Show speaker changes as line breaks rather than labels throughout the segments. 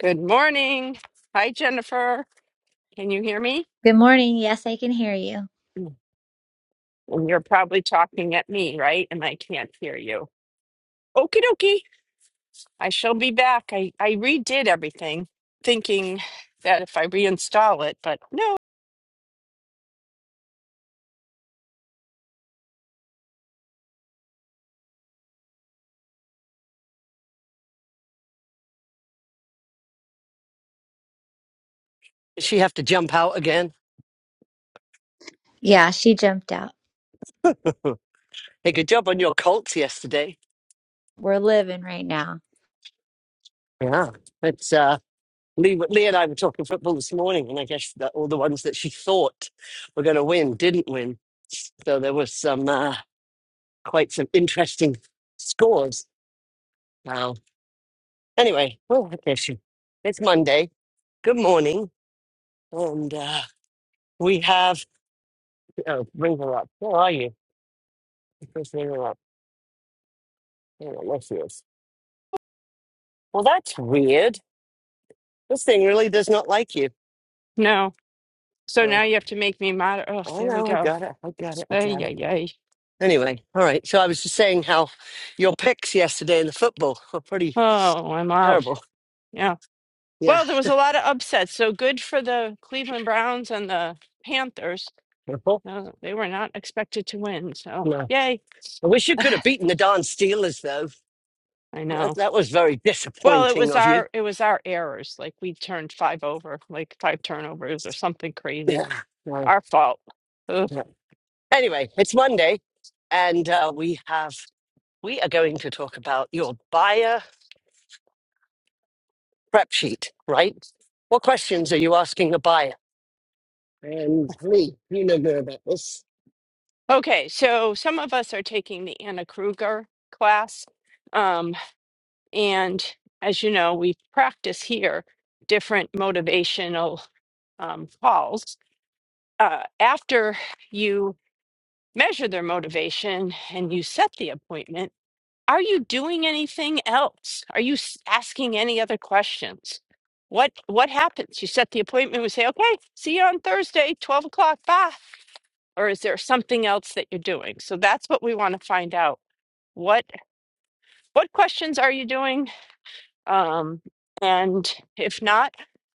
Good morning. Hi, Jennifer. Can you hear me?
Good morning. Yes, I can hear you.
And you're probably talking at me, right? And I can't hear you. Okie dokie. I shall be back. I, I redid everything thinking that if I reinstall it, but no,
Does she have to jump out again?
Yeah, she jumped out.
Hey, good job on your Colts yesterday.
We're living right now.
Yeah. It's uh Lee, Lee and I were talking football this morning, and I guess that all the ones that she thought were going to win didn't win. So there was some uh, quite some interesting scores. Now, anyway, well, what is she? It's Monday. Good morning, and uh, we have. Oh, bring her up. Where are you? Just bring her up. Oh, there she is. Well, that's weird. This thing really does not like you.
no. So
So
now you have to make me mod. Oh,
I
there we
know, I
go.
got it. I got it. I
Ay,
got it.
ay, ay.
Anyway, all right. So I was just saying how your picks yesterday in the football were pretty
Oh, I'm out.
terrible.
Yeah.
Yeah.
Well, there was a lot of upsets. So good for the Cleveland Browns and the Panthers.
Terrible?
No, they were not expected to win. So,
No.
yay.
I wish you could have beaten the darn Steelers, though.
I know.
That, that was very
Well, it
disappointing
was
of you.
our it was our errors. Like we turned five over, like five turnovers or something crazy.
Yeah. No,
Our fault. Ugh.
no. Anyway, it's Monday, and uh, we have we are going to talk about your buyer prep sheet, right? What questions are you asking a buyer? And Lee, you know more about this.
Okay, so some of us are taking the Anna Kruger class, um, and as you know, we practice here different motivational um, calls. Uh, after you measure their motivation and you set the appointment Are you doing anything else? Are you s- asking any other questions? What what happens? You set the appointment. We say, okay, see you on Thursday, twelve o'clock. Bye. Or is there something else that you're doing? So that's what we want to find out. What what questions are you doing? Um, and if not,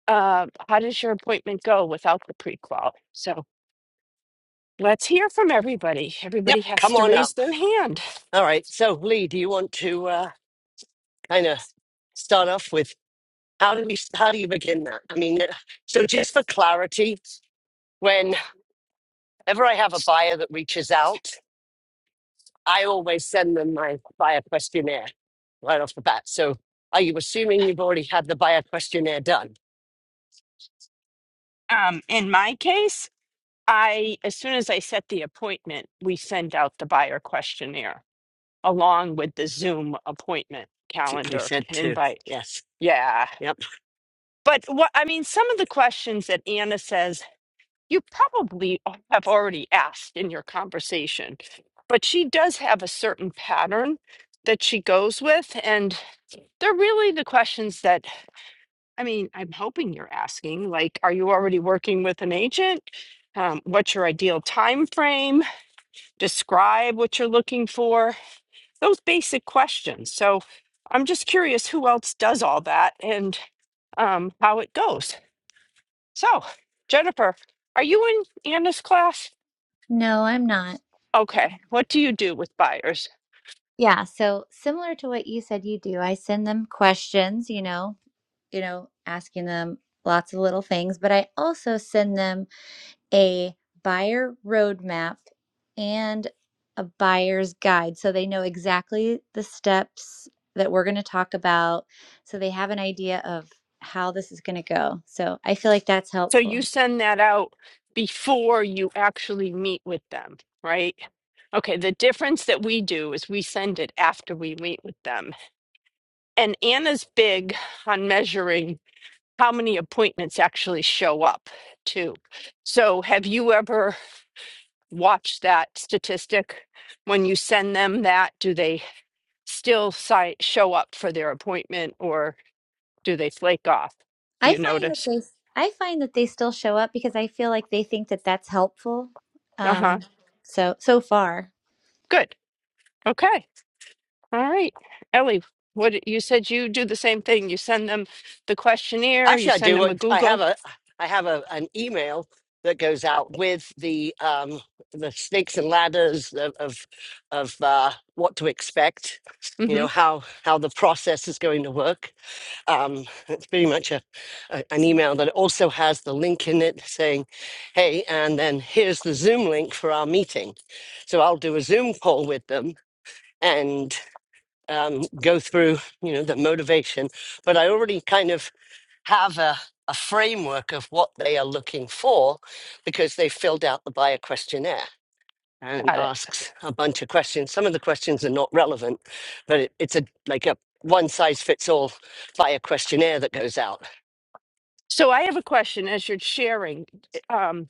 uh, how does your appointment go without the prequal? So let's hear from everybody.
Yep,
Everybody has
come
to
on up.
raise their hand.
All right. So, Lee, do you want to uh, kind of start off with how do we how do you begin that? I mean, uh, so just for clarity, whenever I have a buyer that reaches out, I always send them my buyer questionnaire right off the bat. So, are you assuming you've already had the buyer questionnaire done?
Um, in my case. I, as soon as I set the appointment, we send out the buyer questionnaire along with the Zoom appointment
Particularly
calendar
said to
invite.
yes.
Yeah.
Yep.
But what I mean, some of the questions that Anna says, you probably have already asked in your conversation, but she does have a certain pattern that she goes with. And they're really the questions that, I mean, I'm hoping you're asking like, are you already working with an agent? Um, what's your ideal time frame? describe what you're looking for, those basic questions. So I'm just curious who else does all that and um, how it goes. So, Jennifer, are you in Anna's class?
No, I'm not.
Okay. What do you do with buyers?
Yeah, so similar to what you said you do, I send them questions, you know, you know, asking them lots of little things, but I also send them a buyer roadmap and a buyer's guide so they know exactly the steps that we're going to talk about so they have an idea of how this is going to go. So, I feel like that's
So
helpful.
you send that out before you actually meet with them, right? Okay, the difference that we do is we send it after we meet with them. And Anna's big on measuring how many appointments actually show up too. So have you ever watched that statistic? When you send them that, do they still si- show up for their appointment or do they flake off? Do
I
you
find that
notice?
they I find that they still show up because I feel like they think that that's helpful.
Uh-huh.
Um so so far.
Good. Okay. All right. Ellie, what you said you do the same thing. You send them the questionnaire, you
Actually, I
send
do.
them a
I have
Google.
a I have a an email that goes out with the um the snakes and ladders of of, of uh, what to expect. You
Mm-hmm.
know how how the process is going to work. Um, it's pretty much a, a an email that also has the link in it saying, "Hey, and then here's the Zoom link for our meeting." So I'll do a Zoom call with them and um, go through you know the motivation. But I already kind of have a, a framework of what they are looking for because they filled out the buyer questionnaire and
Got it.
asks a bunch of questions. Some of the questions are not relevant, but it, it's a like a one size fits all buyer questionnaire that goes out.
So I have a question as you're sharing. Um,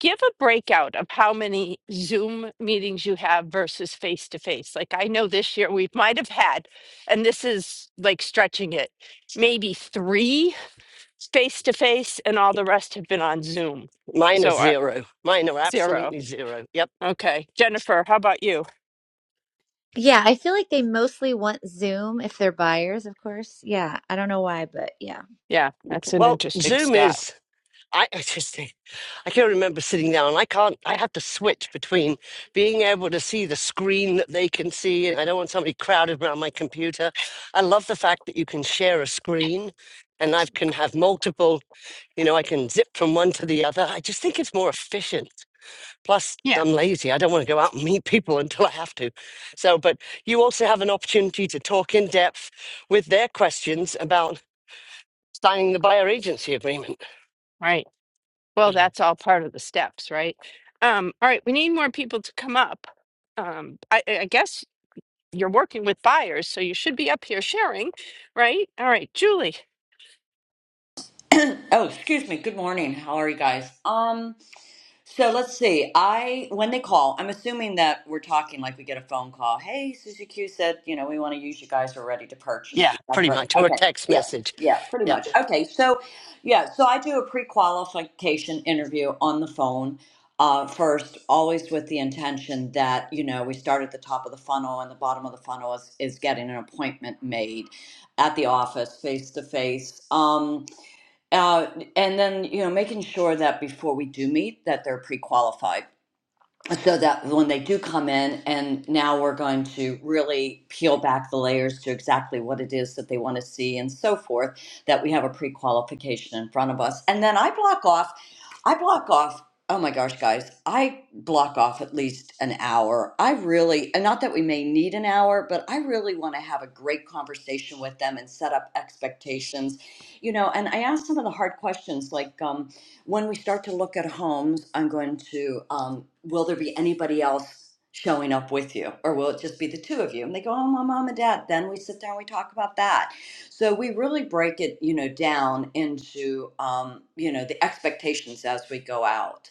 give a breakout of how many Zoom meetings you have versus face to face. Like I know this year we might have had, and this is like stretching it, maybe three face to face, and all the rest have been on Zoom.
Mine are
So uh,
zero. Mine are
zero.
absolutely zero. Yep.
Okay. Jennifer, how about you?
Yeah, I feel like they mostly want Zoom if they're buyers, of course. Yeah, I don't know why, but yeah.
Yeah, that's an
Well,
interesting
Zoom
stat.
is I, I just think I can remember sitting down. I can't. I have to switch between being able to see the screen that they can see, and I don't want somebody crowded around my computer. I love the fact that you can share a screen, and I can have multiple. You know, I can zip from one to the other. I just think it's more efficient. Plus,
Yeah,
I'm lazy. I don't want to go out and meet people until I have to. So, but you also have an opportunity to talk in depth with their questions about signing the buyer agency agreement.
right. Well, that's all part of the steps, right? Um, all right, we need more people to come up. Um, I, I I guess you're working with buyers, so you should be up here sharing, right? All right, Julie,
Oh, excuse me. Good morning. How are you guys? Um, so let's see. I when they call, I'm assuming that we're talking like we get a phone call. Hey, Susie Q said, you know, we want to use you guys. We're ready to purchase.
Yeah,
Is that
pretty
correct?
much, or a
Okay.
text
Yeah.
message.
Yeah. Pretty
Yep.
much. Okay. So, yeah. So I do a pre-qualification interview on the phone uh, first, always with the intention that you know we start at the top of the funnel and the bottom of the funnel is is getting an appointment made at the office face to face. Um. Uh, and then, you know, making sure that before we do meet, that they're pre-qualified so that when they do come in and now we're going to really peel back the layers to exactly what it is that they want to see and so forth that we have a pre-qualification in front of us and then i block off i block off oh my gosh guys i block off at least an hour i really and not that we may need an hour but i really want to have a great conversation with them and set up expectations you know and i ask some of the hard questions like um, when we start to look at homes, I'm going to, um, will there be anybody else showing up with you? Or will it just be the two of you? And they go, oh, my mom and dad. Then we sit down, we talk about that. So we really break it, you know, down into, um, you know, the expectations as we go out.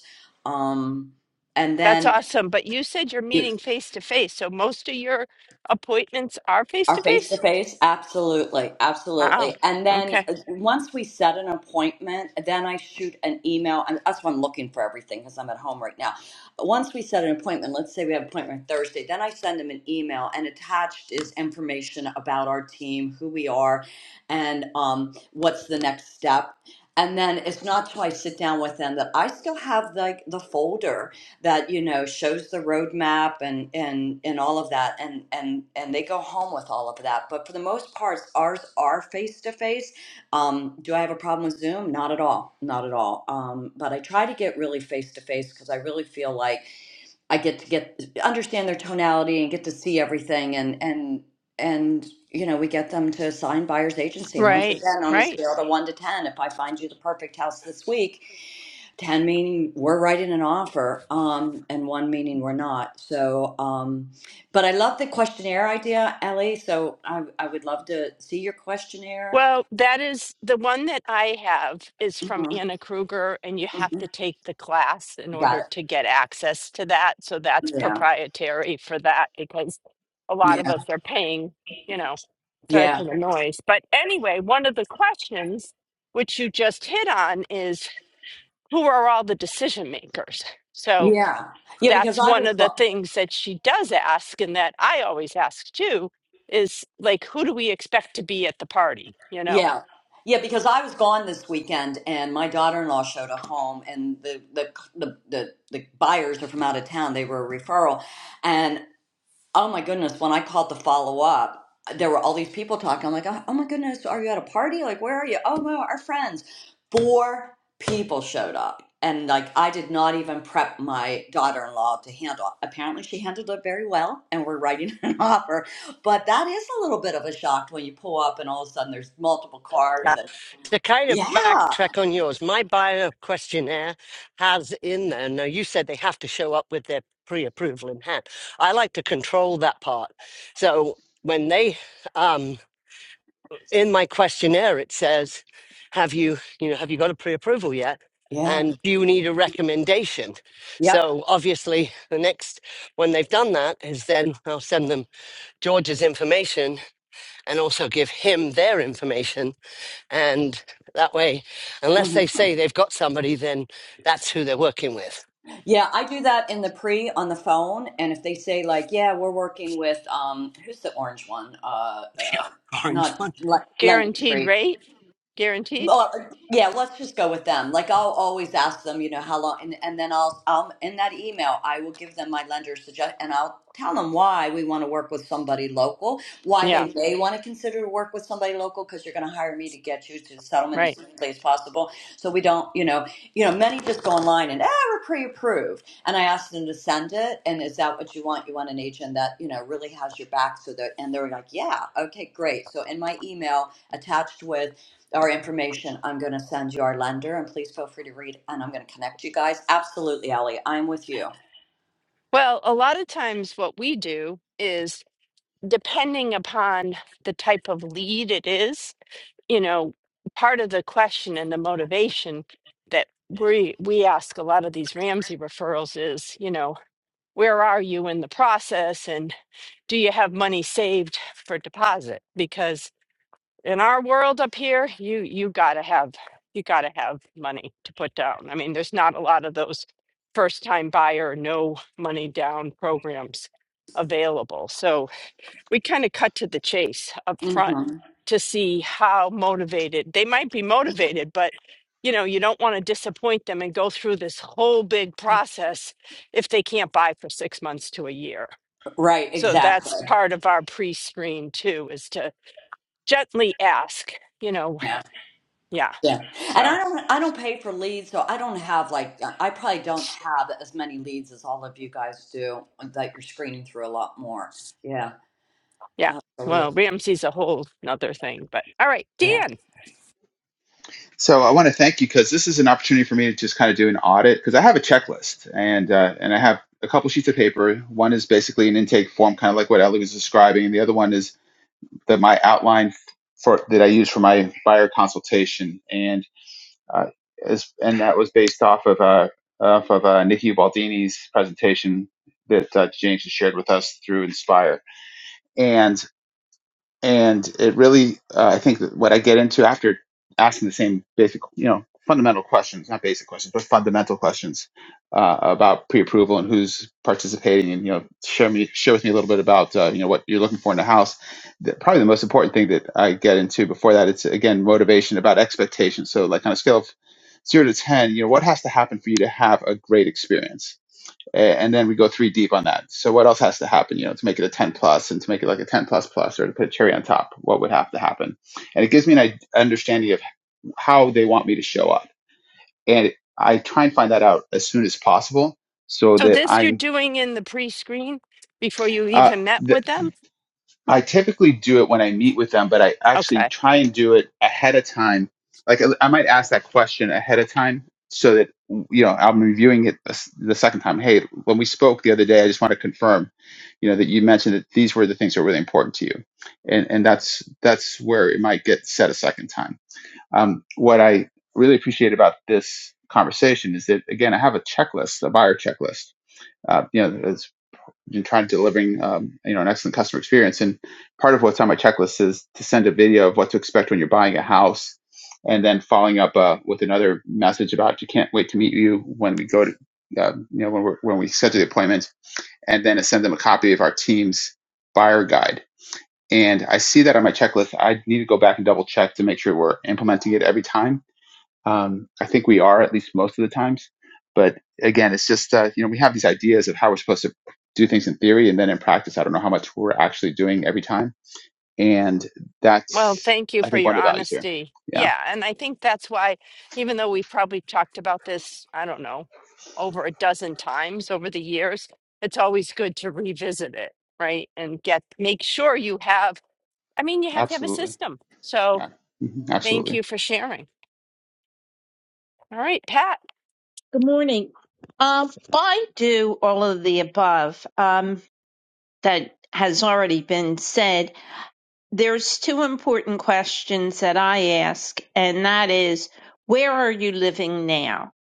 Um, and
that's
then,
awesome. But you said you're
you
meeting face to face, so most of your appointments are face
Our
to
face to
face?
face? Absolutely.
Wow.
Absolutely. And then
Okay.
uh, once we set an appointment, then I shoot an email. And that's why I'm looking for everything because I'm at home right now. Once we set an appointment, let's say we have an appointment Thursday, then I send them an email and attached is information about our team, who we are, and um, what's the next step. And then it's not till I sit down with them that I still have like the folder that you know shows the roadmap and and and all of that and and and they go home with all of that but for the most part ours are face to face um do i have a problem with zoom not at all not at all um but i try to get really face to face because i really feel like i get to get understand their tonality and get to see everything and and and you know we get them to sign buyer's agency and once
Right.
again on a
Right.
scale of 1 to 10 if i find you the perfect house this week 10 meaning we're writing an offer um and one meaning we're not so um but i love the questionnaire idea ellie so i, I would love to see your questionnaire
Well, that is the one that I have is from
Mhm,
Anna Kruger, and you have
mhm.
to take the class in
got
order to get access to that. So that's
it yeah
proprietary for that because a lot of
yeah
us are paying, you know, sorry
yeah
for the noise. But anyway, one of the questions which you just hit on is who are all the decision makers? So
yeah yeah because
that's
i
one
was
of the
go-
things that she does ask, and that I always ask too, is like, who do we expect to be at the party, you know?
yeah yeah because i was gone this weekend and my daughter-in-law showed a home and the the the, the, the buyers are from out of town they were a referral Oh my goodness, when I called to follow up, there were all these people talking. I'm like, oh, oh my goodness, are you at a party? Like, where are you? Oh no, our friends. Four people showed up. And like, I did not even prep my daughter in law to handle. Apparently, she handled it very well, and we're writing an offer. But that is a little bit of a shock when you pull up and all of a sudden there's multiple cars.
Yeah.
And
To kind of
yeah,
backtrack on yours, my bio questionnaire has in there. Now, you said they have to show up with their pre approval in hand. I like to control that part. So when they, um, in my questionnaire, it says, have you, you know, have you got a pre approval yet?
yeah,
And do you need a recommendation?
yep.
So obviously, the next, when they've done that, is then I'll send them George's information and also give him their information. And that way,
mm-hmm.
unless they say they've got somebody, then that's who they're working with.
Yeah, I do that in the pre on the phone, and if they say like, "Yeah, we're working with um, who's the orange one?" Uh, uh,
Yeah, orange
not
one.
Le-
guaranteed
Lending
rate guaranteed
well, yeah, let's just go with them. Like I'll always ask them, you know, how long, and, and then I'll, I'll in that email, I will give them my lender suggest, and I'll tell them why we want to work with somebody local, why
yeah
they may want to consider to work with somebody local because you're going to hire me to get you to the settlement as
right
quickly as possible. So we don't, you know, you know, many just go online and ah, we're pre-approved, and I ask them to send it, and is that what you want? You want an agent that you know really has your back, so that, and they're like, yeah, okay, great. So in my email attached with our information. I'm going to send you our lender, and please feel free to read. And I'm going to connect you guys. Absolutely, Ellie, I'm with you.
well a lot of times what we do is depending upon the type of lead it is you know part of the question and the motivation that we we ask a lot of these ramsey referrals is you know where are you in the process and do you have money saved for deposit because. in our world up here, you you gotta have you gotta have money to put down. I mean, there's not a lot of those first time buyer no money down programs available. So we kind of cut to the chase up front
hmm
to see how motivated they might be motivated, but you know, you don't want to disappoint them and go through this whole big process if they can't buy for six months to a year.
Right,
So that's
exactly.
part of our pre screen too, is to gently ask, you know,
Yeah,
yeah.
yeah. And I
So
don't, I don't pay for leads, so I don't have like, uh, I probably don't have as many leads as all of you guys do that you're screening through a lot more. Yeah,
yeah.
absolutely.
Well, Ramsey's a whole nother thing, but all right, Dan.
So I want to thank you because this is an opportunity for me to just kind of do an audit because I have a checklist and uh, and I have a couple sheets of paper. One is basically an intake form, kind of like what Ellie was describing, and the other one is that my outline for that I use for my buyer consultation, and uh, as, and that was based off of uh, off of uh, Nikki Baldini's presentation that uh, James has shared with us through Inspire. and and it really uh, i think that what i get into after asking the same basic you know fundamental questions not basic questions but fundamental questions uh, about pre-approval and who's participating and you know share me share with me a little bit about uh, you know what you're looking for in a house the, probably the most important thing that i get into before that it's again motivation about expectations so like on a scale of zero to ten you know what has to happen for you to have a great experience and then we go three deep on that. So what else has to happen, you know, to make it a 10 plus and to make it like a 10 plus plus or to put a cherry on top? What would have to happen? And it gives me an understanding of how they want me to show up. And I try and find that out as soon as possible so
So
that
this you're
I,
doing in the pre-screen before you
uh,
even met
the,
with them?
I typically do it when I meet with them, but I actually
Okay.
try and do it ahead of time. Like I I might ask that question ahead of time so that you know I'm reviewing it the s- the second time. Hey, when we spoke the other day, I just want to confirm, you know, that you mentioned that these were the things that were really important to you, and and that's that's where it might get said a second time. Um, what I really appreciate about this conversation is that again, I have a checklist, a buyer checklist. Uh, you know, and trying to delivering um, you know an excellent customer experience. And part of what's on my checklist is to send a video of what to expect when you're buying a house, and then following up uh, with another message about you can't wait to meet you when we go to uh, you know when we when we schedule the appointment, and then I send them a copy of our team's buyer guide. And I see that on my checklist. I need to go back and double check to make sure we're implementing it every time um, I think we are at least most of the times. But again, it's just uh, you know we have these ideas of how we're supposed to do things in theory, and then in practice, I don't know how much we're actually doing every time. And
Well,
that's
thank you
I
for
think
your
one of the values here.
honesty.
Yeah,
Yeah, and I think that's why, even though we probably talked about this, I don't know, over a dozen times over the years, it's always good to revisit it, right? And get make sure you have. I mean, you have to have a
absolutely.
system. So
Yeah, Mhm,
thank
absolutely.
you for sharing. All right, Pat.
Good morning. Um, I do all of the above um, that has already been said. There's two important questions that I ask, and that is, where are you living now?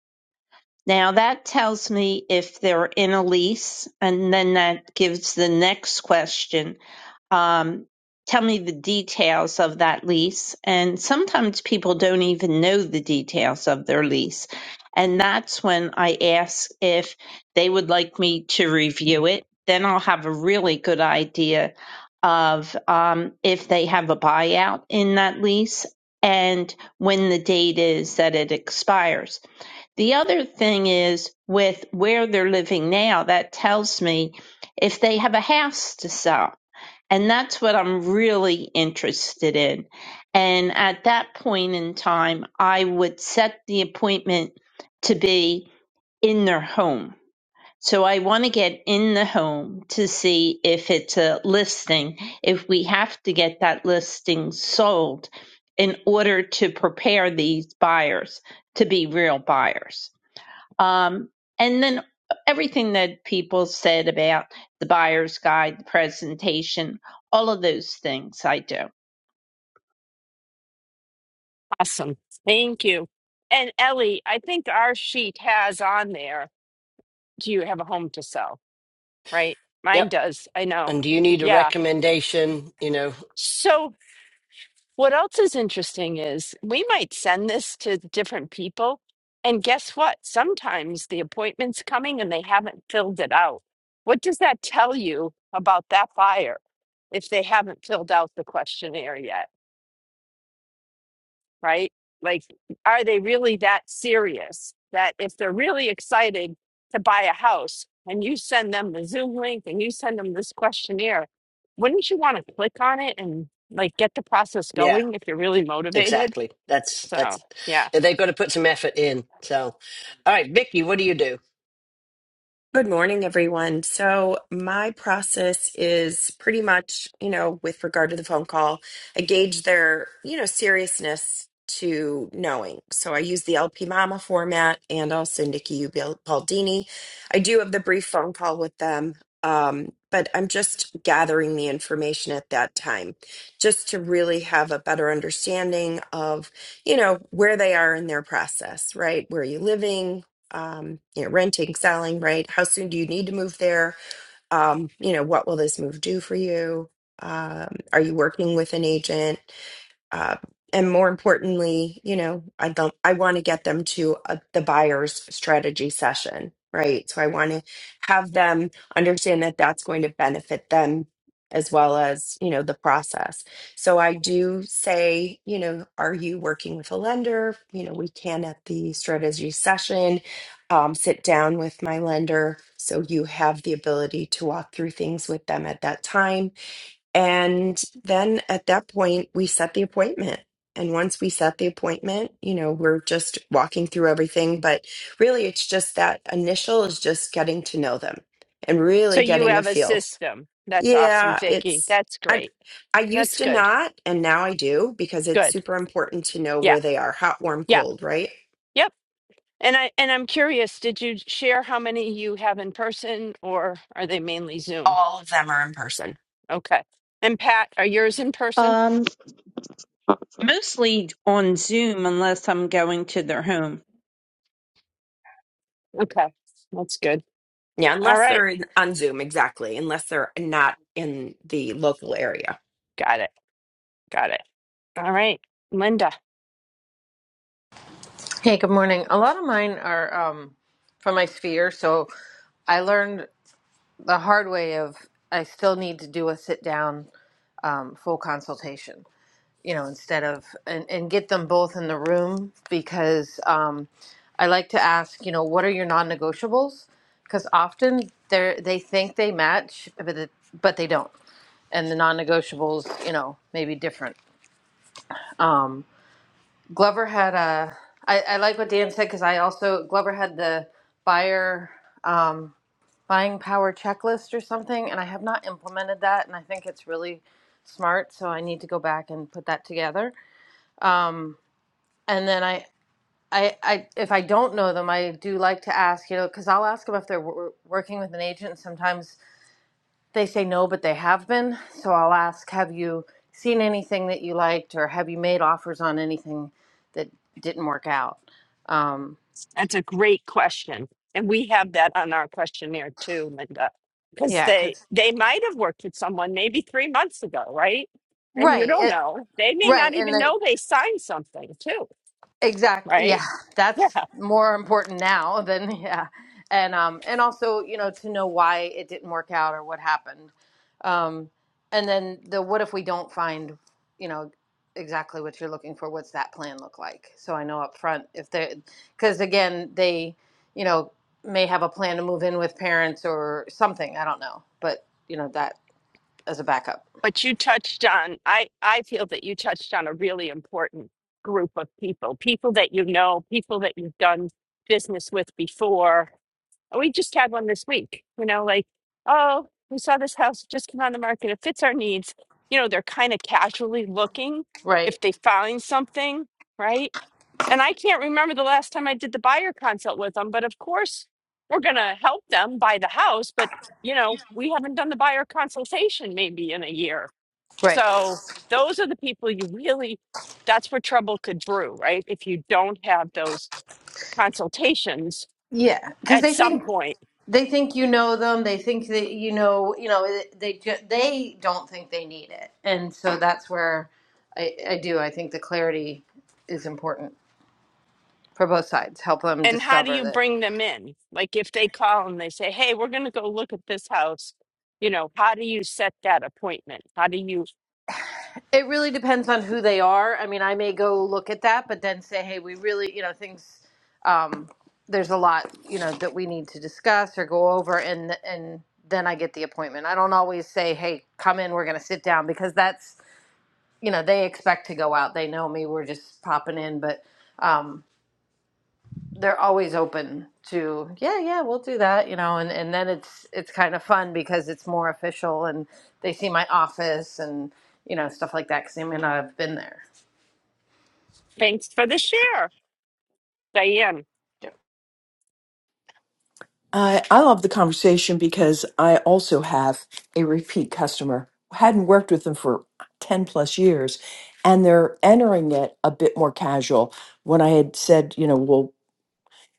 Now that tells me if they're in a lease, and then that gives the next question, um, tell me the details of that lease. And sometimes people don't even know the details of their lease. And that's when I ask if they would like me to review it. Then I'll have a really good idea of um, if they have a buyout in that lease and when the date is that it expires. The other thing is with where they're living now, that tells me if they have a house to sell and that's what I'm really interested in. And at that point in time, I would set the appointment to be in their home. So I want to get in the home to see if it's a listing, if we have to get that listing sold in order to prepare these buyers to be real buyers. Um, and then everything that people said about the buyer's guide, the presentation, all of those things I do.
Awesome. Thank you. And Ellie, I think our sheet has on there, do you have a home to sell? Right? Mine
Yep.
does. I know.
And do you need a
Yeah.
recommendation? You know,
So, what else is interesting is we might send this to different people. And guess what? Sometimes the appointment's coming and they haven't filled it out. What does that tell you about that buyer if they haven't filled out the questionnaire yet? right? Like, are they really that serious that if they're really excited to buy a house and you send them the Zoom link and you send them this questionnaire, wouldn't you want to click on it and like get the process
yeah,
going if you're really motivated?
exactly. That's
So,
that's
yeah.
they've got to put some effort in. So, all right, Vicky, what do you do?
Good morning, everyone. So, my process is pretty much, you know, with regard to the phone call, I gauge their, you know, seriousness to knowing. So, I use the LP Mama format and also Nikki Ubil- Baldini. I do have the brief phone call with them, um, but I'm just gathering the information at that time just to really have a better understanding of, you know, where they are in their process, right? Where are you living? um, you know, renting, selling, right? How soon do you need to move there? Um, you know, what will this move do for you? Um, are you working with an agent? uh, and more importantly, you know, I don't, I want to get them to uh the buyer's strategy session, right? So I want to have them understand that that's going to benefit them as well as, you know, the process. So I do say, you know, are you working with a lender? You know, we can at the strategy session um, sit down with my lender. So you have the ability to walk through things with them at that time and then at that point, we set the appointment. And once we set the appointment, you know, we're just walking through everything. But really, it's just that initial is just getting to know them and
So
really
you
getting a
have a
feel.
system. That's awesome,
Yeah,
Vicky.
it's,
That's
I,
great.
I used
That's
to
good.
not, and now I do because it's
Good.
super important to know
Yeah.
where they are hot, warm,
Yeah.
cold, right?
Yep. And I and I'm curious, did you share how many you have in person or are they mainly Zoom?
All of them are in person.
Okay. And Pat, are yours in person?
Um, mostly on Zoom, unless I'm going to their home.
Okay. That's good.
Yeah,
All
unless
right.
they're in, on Zoom, exactly, unless they're not in the local area.
Got it. Got it. All right. Linda,
Hey, good morning. A lot of mine are um, from my sphere, so I learned the hard way of I still need to do a sit down um, full consultation, you know, instead of and, and get them both in the room because um, I like to ask, you know, what are your non negotiables? Because often they they think they match, but it, but they don't, and the non negotiables, you know, may be different. Glover had a I, I like what Dan said because I also Glover had the buyer. um, buying power checklist or something, and I have not implemented that, and I think it's really smart. So I need to go back and put that together. Um, and then I, I, I, if I don't know them, I do like to ask, you know, because I'll ask them if they're w- working with an agent. And sometimes they say no, but they have been. So I'll ask, have you seen anything that you liked, or have you made offers on anything that didn't work out? Um,
that's a great question. And we have that on our questionnaire too, Linda, because
yeah,
they
because
they might have worked with someone maybe three months ago, right? And you
right,
don't
it,
know. They may not
right, and
even
the
know they signed something too,
Exactly.
right?
Yeah, that's
Yeah.
more important now than yeah, and um, and also you know to know why it didn't work out or what happened, um, and then the what if we don't find, you know, exactly what you're looking for. What's that plan look like? So I know up front if they, because again they, you know, may have a plan to move in with parents or something. I don't know, but you know that as a backup.
But you touched on, I, I feel that you touched on a really important group of people, people that you know, people that you've done business with before. We just had one this week, you know, like, oh, we saw this house just come on the market. It fits our needs. You know, they're kind of casually looking
Right.
if they find something, right? And I can't remember the last time I did the buyer consult with them, but of course, we're going to help them buy the house. But, you know, we haven't done the buyer consultation maybe in a year
Right.
so those are the people you really, that's where trouble could brew, right? If you don't have those consultations
Yeah, because
at
they
some
think
point.
They think you know them. They think that you know, you know, they ju- they don't think they need it, and so that's where I, I do. I think the clarity is important for both sides. Help them
And how do
discover
you
that
bring them in? Like if they call and they say, hey, we're going to go look at this house, you know, how do you set that appointment? How do you,
it really depends on who they are. I mean, I may go look at that, but then say, hey, we really, you know, things. Um, there's a lot, you know, that we need to discuss or go over, and and then I get the appointment. I don't always say, hey, come in, we're going to sit down, because that's you know they expect to go out they know me we're just popping in but um they're always open to yeah yeah we'll do that you know and and then it's it's kind of fun because it's more official and they see my office and you know stuff like that because i mean i've been there
thanks for the
so.
share, Diane.
yeah.
I, I love the conversation because I also have a repeat customer. Hadn't worked with them for 10 plus years, and they're entering it a bit more casual. When I had said, you know, well,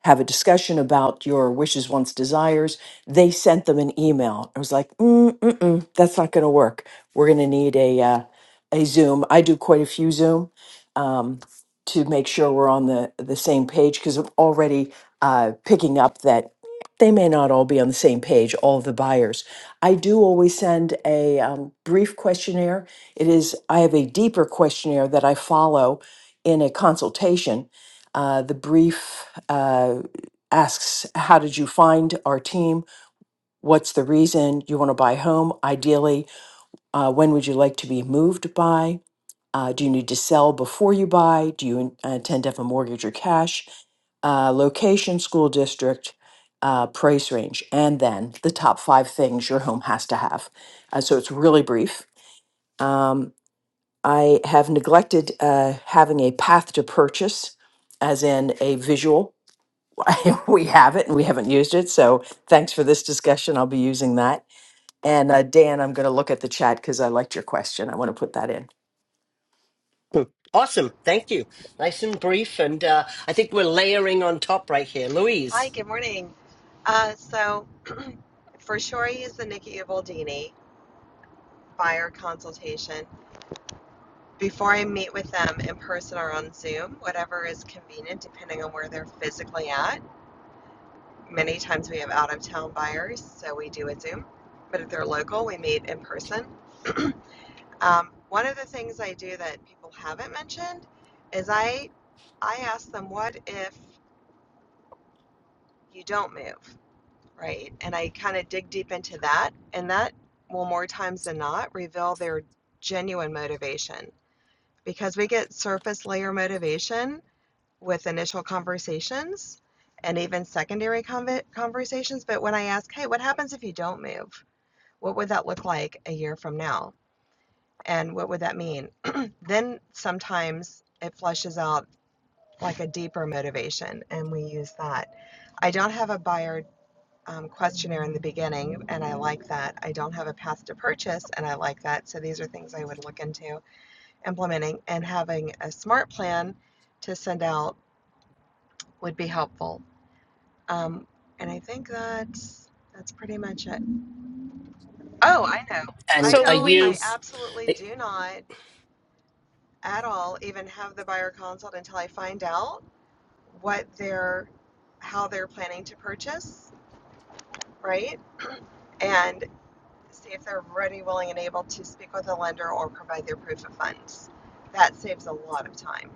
have a discussion about your wishes, wants, desires. They sent them an email. I was like, mm, mm-mm, that's not going to work. We're going to need a uh, a Zoom. I do quite a few Zoom um, to make sure we're on the the same page because I'm already uh, picking up that they may not all be on the same page. All of the buyers. I do always send a um, brief questionnaire. It is I have a deeper questionnaire that I follow in a consultation uh, the brief uh, asks, How did you find our team? What's the reason you want to buy home? Ideally, uh, when would you like to be moved by? Uh, do you need to sell before you buy? Do you in- uh, intend to have a mortgage or cash? Uh, location, school district, uh, price range, and then the top five things your home has to have. Uh, so it's really brief. Um, I have neglected uh, having a path to purchase, as in a visual we have it and we haven't used it. So thanks for this discussion. I'll be using that. And uh, Dan, I'm going to look at the chat because I liked your question. I want to put that in.
Awesome, thank you. Nice and brief, and uh, I think we're layering on top right here, Louise.
Hi, good morning. Uh, so, for sure, I use the Nikki Ubaldini buyer consultation before I meet with them in person or on Zoom, whatever is convenient, depending on where they're physically at. Many times we have out of town buyers, so we do a Zoom. But if they're local, we meet in person. Um, one of the things I do that people haven't mentioned is I I ask them, "What if you don't move?" Right. And I kind of dig deep into that, and that will more times than not reveal their genuine motivation because we get surface layer motivation with initial conversations and even secondary conve conversations. But when I ask, hey, what happens if you don't move? What would that look like a year from now? And what would that mean? Then sometimes it flushes out like a deeper motivation, and we use that. I don't have a buyer um, questionnaire in the beginning, and I like that. I don't have a path to purchase, and I like that. So these are things I would look into implementing, and having a smart plan to send out would be helpful. Um, and I think that's that's pretty much it. Oh, I know. I
And
So
are
don't. I
you?
Louise.
absolutely do not at all even have the buyer consult until I find out what they're how they're planning to purchase, right? And see if they're ready, willing, and able to speak with a lender or provide their proof of funds. That saves a lot of time.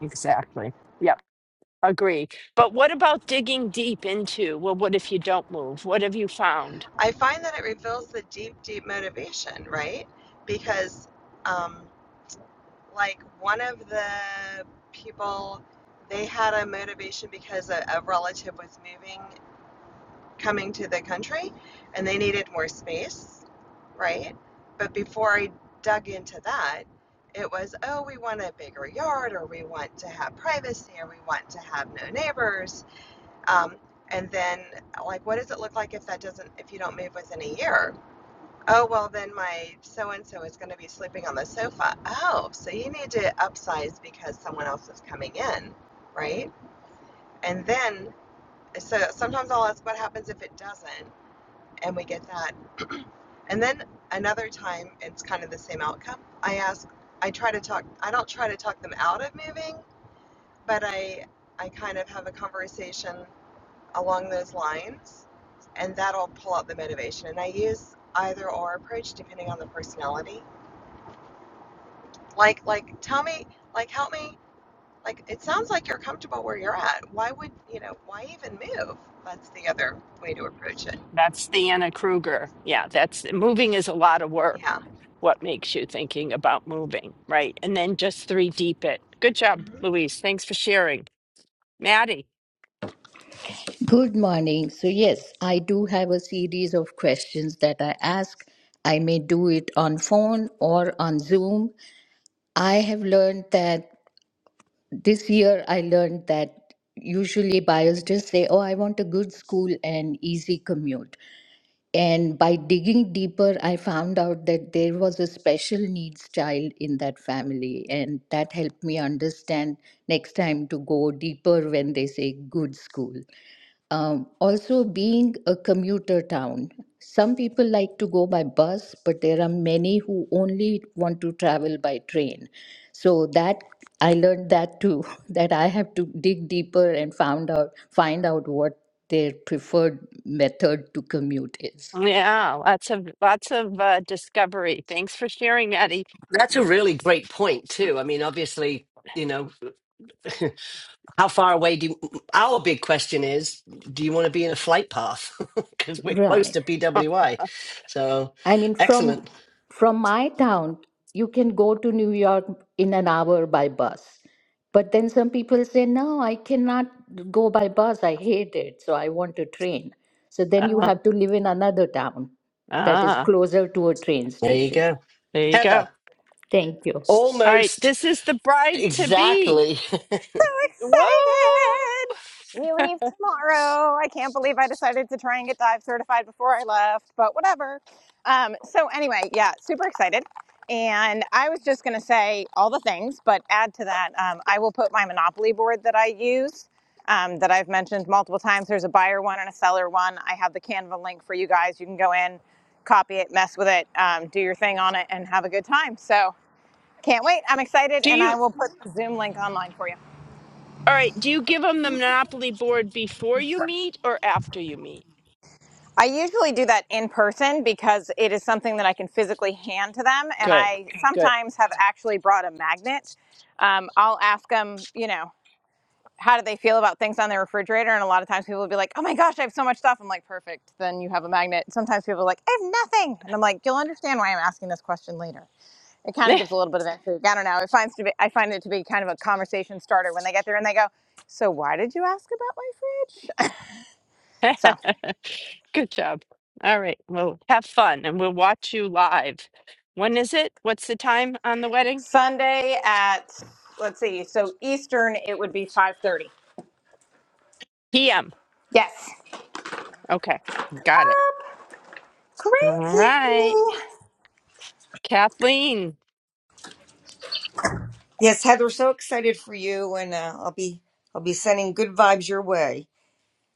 Exactly. Yep. Agree. But what about digging deep into, well, what if you don't move? What have you found?
I find that it reveals the deep, deep motivation, right? Because, um, like, one of the people, they had a motivation because a, a relative was moving coming to the country and they needed more space, right? But before I dug into that, it was, oh, we want a bigger yard or we want to have privacy or we want to have no neighbors. Um, and then, like, what does it look like if that doesn't, if you don't move within a year? Oh, well, then my so and so is going to be sleeping on the sofa. Oh, so you need to upsize because someone else is coming in, right? And then, so sometimes I'll ask, what happens if it doesn't? and we get that. And then another time, it's kind of the same outcome. I ask, I try to talk, I don't try to talk them out of moving, but I, I kind of have a conversation along those lines, and that'll pull out the motivation. And I use either or approach depending on the personality. Like, like, tell me, like, help me. Like, it sounds like you're comfortable where you're at. Why would, you know, why even move? That's the other way to approach it.
That's the Anna Kruger. Yeah, that's moving is a lot of work.
Yeah.
What makes you thinking about moving, right? And then just three deep it. Good job, Louise. Thanks for sharing, Maddie.
Good morning. So, yes, I do have a series of questions that I ask. I may do it on phone or on Zoom. I have learned that this year I learned that usually buyers just say, Oh, I want a good school and easy commute. And by digging deeper, I found out that there was a special needs child in that family. And that helped me understand next time to go deeper when they say good school. Um, also, being a commuter town, some people like to go by bus, but there are many who only want to travel by train. So that I learned that too, that I have to dig deeper and found out find out what their preferred method to commute is.
Yeah, lots of lots of uh, discovery. Thanks for sharing, Maddie.
That's a really great point too. I mean, obviously, you know, how far away do you, our big question is, do you want to be in a flight path? Because we're close
Right.
to PWI. So
I mean, from
excellent.
from my town, you can go to New York in an hour by bus. But then some people say, no, I cannot go by bus. I hate it. So I want a train. So then you
Uh,
have to live in another town that is
ah,
closer to a train
There you
station.
go.
there you go.
Heather,
Thank you.
All right,
almost
this is the bride to be.
exactly.
Whoa!
excited. We leave tomorrow. I can't believe I decided to try and get dive certified before I left, but whatever. Um, so anyway, yeah, super excited. And I was just going to say all the things, but add to that, um, I will put my Monopoly board that I use, um, that I've mentioned multiple times. There's a buyer one and a seller one. I have the Canva link for you guys. You can go in, copy it, mess with it, um, do your thing on it, and have a good time. So can't wait. I'm excited,
Do
and
you?
I will put the Zoom link online for you.
All right, do you give them the monopoly board before you meet or after you meet?
I usually do that in person because it is something that I can physically hand to them. And
Good,
I
good.
sometimes have actually brought a magnet. Um, I'll ask them, you know, how do they feel about things on their refrigerator? And a lot of times people will be like, oh my gosh, I have so much stuff. I'm like, perfect. Then you have a magnet. Sometimes people are like, I have nothing. And I'm like, you'll understand why I'm asking this question later. It kind of gives a little bit of intrigue. I don't know. It finds to be, I find it to be kind of a conversation starter when they get there and they go, so why did you ask about my fridge? So.
Good job. All right. Well, have fun and we'll watch you live. When is it? What's the time on the wedding?
Sunday at let's see, so Eastern it would be five thirty.
PM.
Yes.
Okay. Got it. All
Crazy.
right. Kathleen.
Yes, Heather, so excited for you, and uh, I'll be I'll be sending good vibes your way.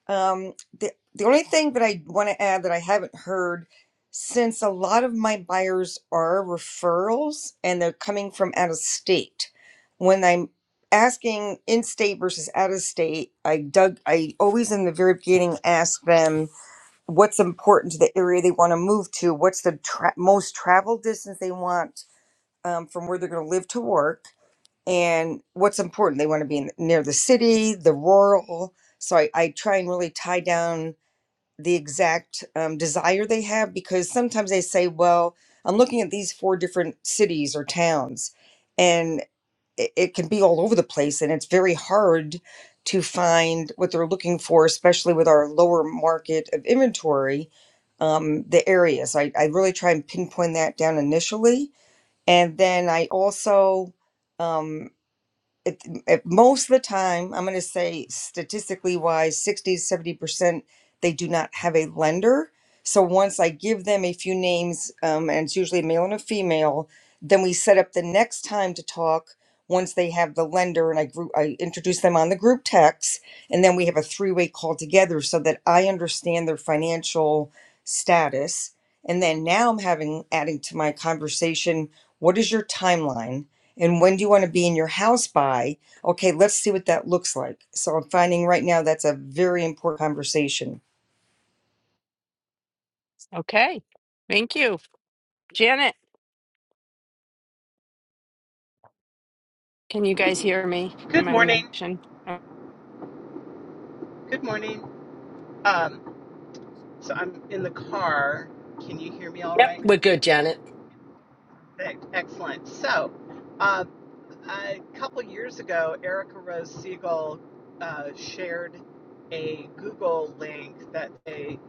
Um, the the only thing that I want to add that I haven't heard, since a lot of my buyers are referrals and they're coming from out of state, when I'm asking in state versus out of state, I dug I always in the very beginning ask them what's important to the area they want to move to, what's the tra- most travel distance they want um, from where they're going to live to work and what's important they want to be in, near the city the rural so I, I try and really tie down the exact um, desire they have because sometimes they say well i'm looking at these four different cities or towns and it, it can be all over the place and it's very hard to find what they're looking for especially with our lower market of inventory um, the area so I, I really try and pinpoint that down initially and then i also um, it, it, most of the time, I'm going to say statistically wise, 60 to 70%, they do not have a lender. So once I give them a few names, um, and it's usually a male and a female, then we set up the next time to talk once they have the lender and I group, I introduce them on the group text and then we have a three-way call together so that I understand their financial status. And then now I'm having adding to my conversation, what is your timeline? and when do you want to be in your house by okay let's see what that looks like so i'm finding right now that's a very important conversation
Okay. Thank you. Janet, can you guys hear me? Am
Good
I in
morning.
the?
Good morning. Um, so I'm in the car. Can you hear me all
Yep,
right?
we're good, Janet.
E- Excellent. So uh, a couple years ago, Erica Rose Siegel uh, shared a Google link that's a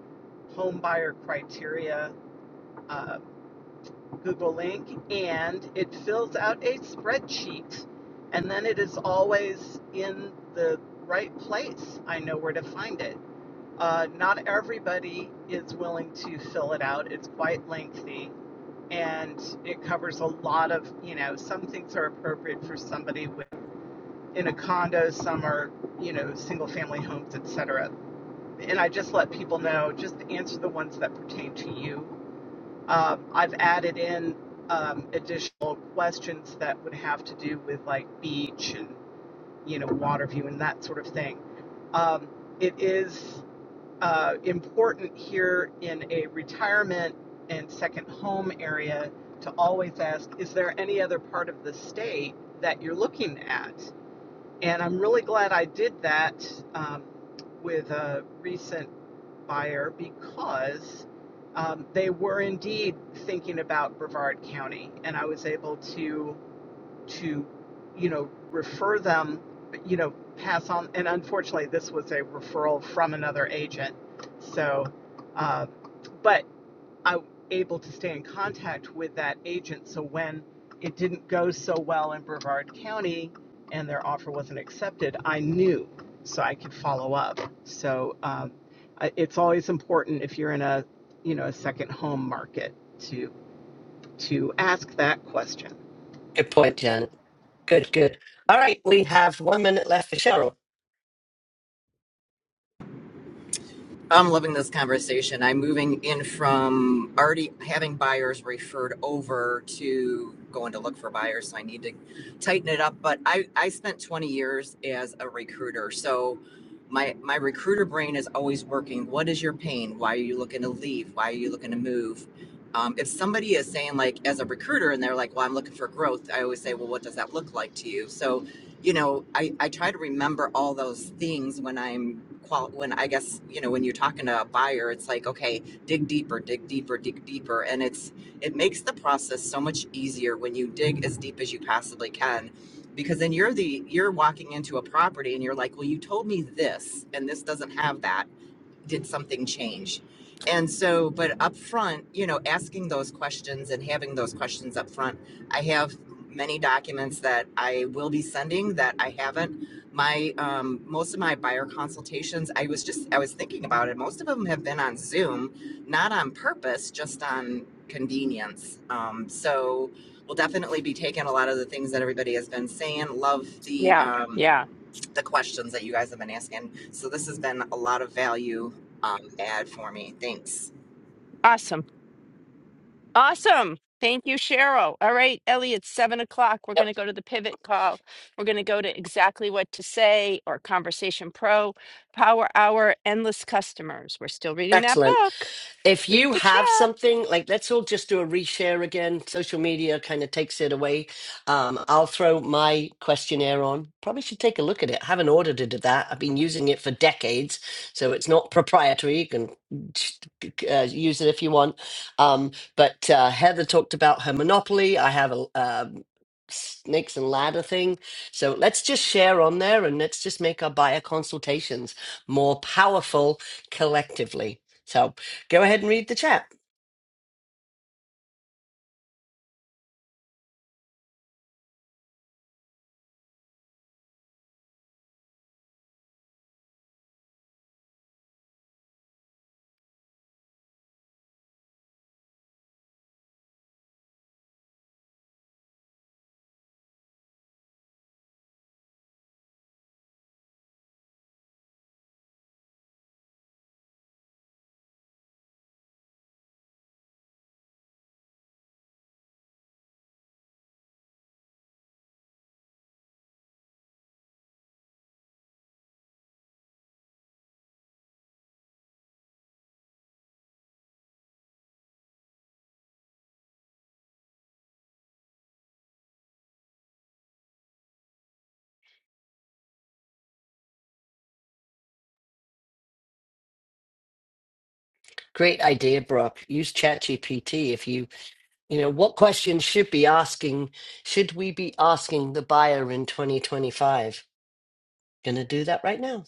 home buyer criteria uh, Google link, and it fills out a spreadsheet. And then it is always in the right place. I know where to find it. Uh, not everybody is willing to fill it out. It's quite lengthy and it covers a lot of, you know, some things are appropriate for somebody with, in a condo, some are, you know, single family homes, etc. And I just let people know just answer the ones that pertain to you. Um, I've added in um, additional questions that would have to do with like beach and, you know, water view and that sort of thing. Um, it is uh, important here in a retirement and second home area to always ask is there any other part of the state that you're looking at? And I'm really glad I did that um, with a recent buyer because um, they were indeed thinking about Brevard County, and I was able to to, you know, refer them, you know, pass on. And unfortunately, this was a referral from another agent. So, uh, but I was able to stay in contact with that agent. So when it didn't go so well in Brevard County and their offer wasn't accepted, I knew so I could follow up. So um, it's always important if you're in a, you know, a second home market to to ask that question.
Good point, Janet. Good, good. All right, we have one minute left for Cheryl.
I'm loving this conversation. I'm moving in from already having buyers referred over to going to look for buyers. So I need to tighten it up. But I, I spent 20 years as a recruiter. So my, my recruiter brain is always working. What is your pain? Why are you looking to leave? Why are you looking to move? Um, if somebody is saying, like, as a recruiter, and they're like, well, I'm looking for growth, I always say, well, what does that look like to you? So you know, I, I try to remember all those things when I'm qual when I guess, you know, when you're talking to a buyer, it's like, okay, dig deeper, dig deeper, dig deeper. And it's it makes the process so much easier when you dig as deep as you possibly can. Because then you're the you're walking into a property and you're like, Well, you told me this and this doesn't have that did something change? And so, but up front, you know, asking those questions and having those questions up front, I have many documents that I will be sending that I haven't. My um, most of my buyer consultations, I was just I was thinking about it. Most of them have been on Zoom, not on purpose, just on convenience. Um, so we'll definitely be taking a lot of the things that everybody has been saying. Love the
Yeah.
um,
Yeah.
the questions that you guys have been asking. So this has been a lot of value um, add for me. Thanks.
Awesome. Awesome. Thank you, Cheryl. All right, Ellie, it's seven o'clock. We're
Yep.
going to go to the pivot call. We're going to go to exactly what to say or Conversation Pro, Power Hour, Endless Customers. We're still reading that
Excellent.
book.
if
Read
you
the
have
chat.
something like let's all just do a reshare again social media kind of takes it away um, i'll throw my questionnaire on probably should take a look at it I haven't audited that i've been using it for decades so it's not proprietary you can uh, use it if you want um, but uh, heather talked about her monopoly i have a um, snakes and ladder thing so let's just share on there and let's just make our buyer consultations more powerful collectively so Go ahead and read the chat. Great idea, Brock. Use ChatGPT if you, you know, what questions should be asking, should we be asking the buyer in 2025? Gonna do that right now.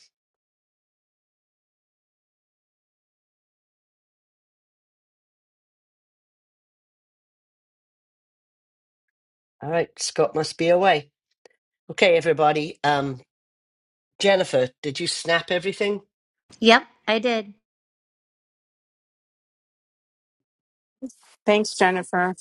All right, Scott must be away. Okay, everybody. Um, Jennifer, did you snap everything?
Yep, I did.
Thanks, Jennifer.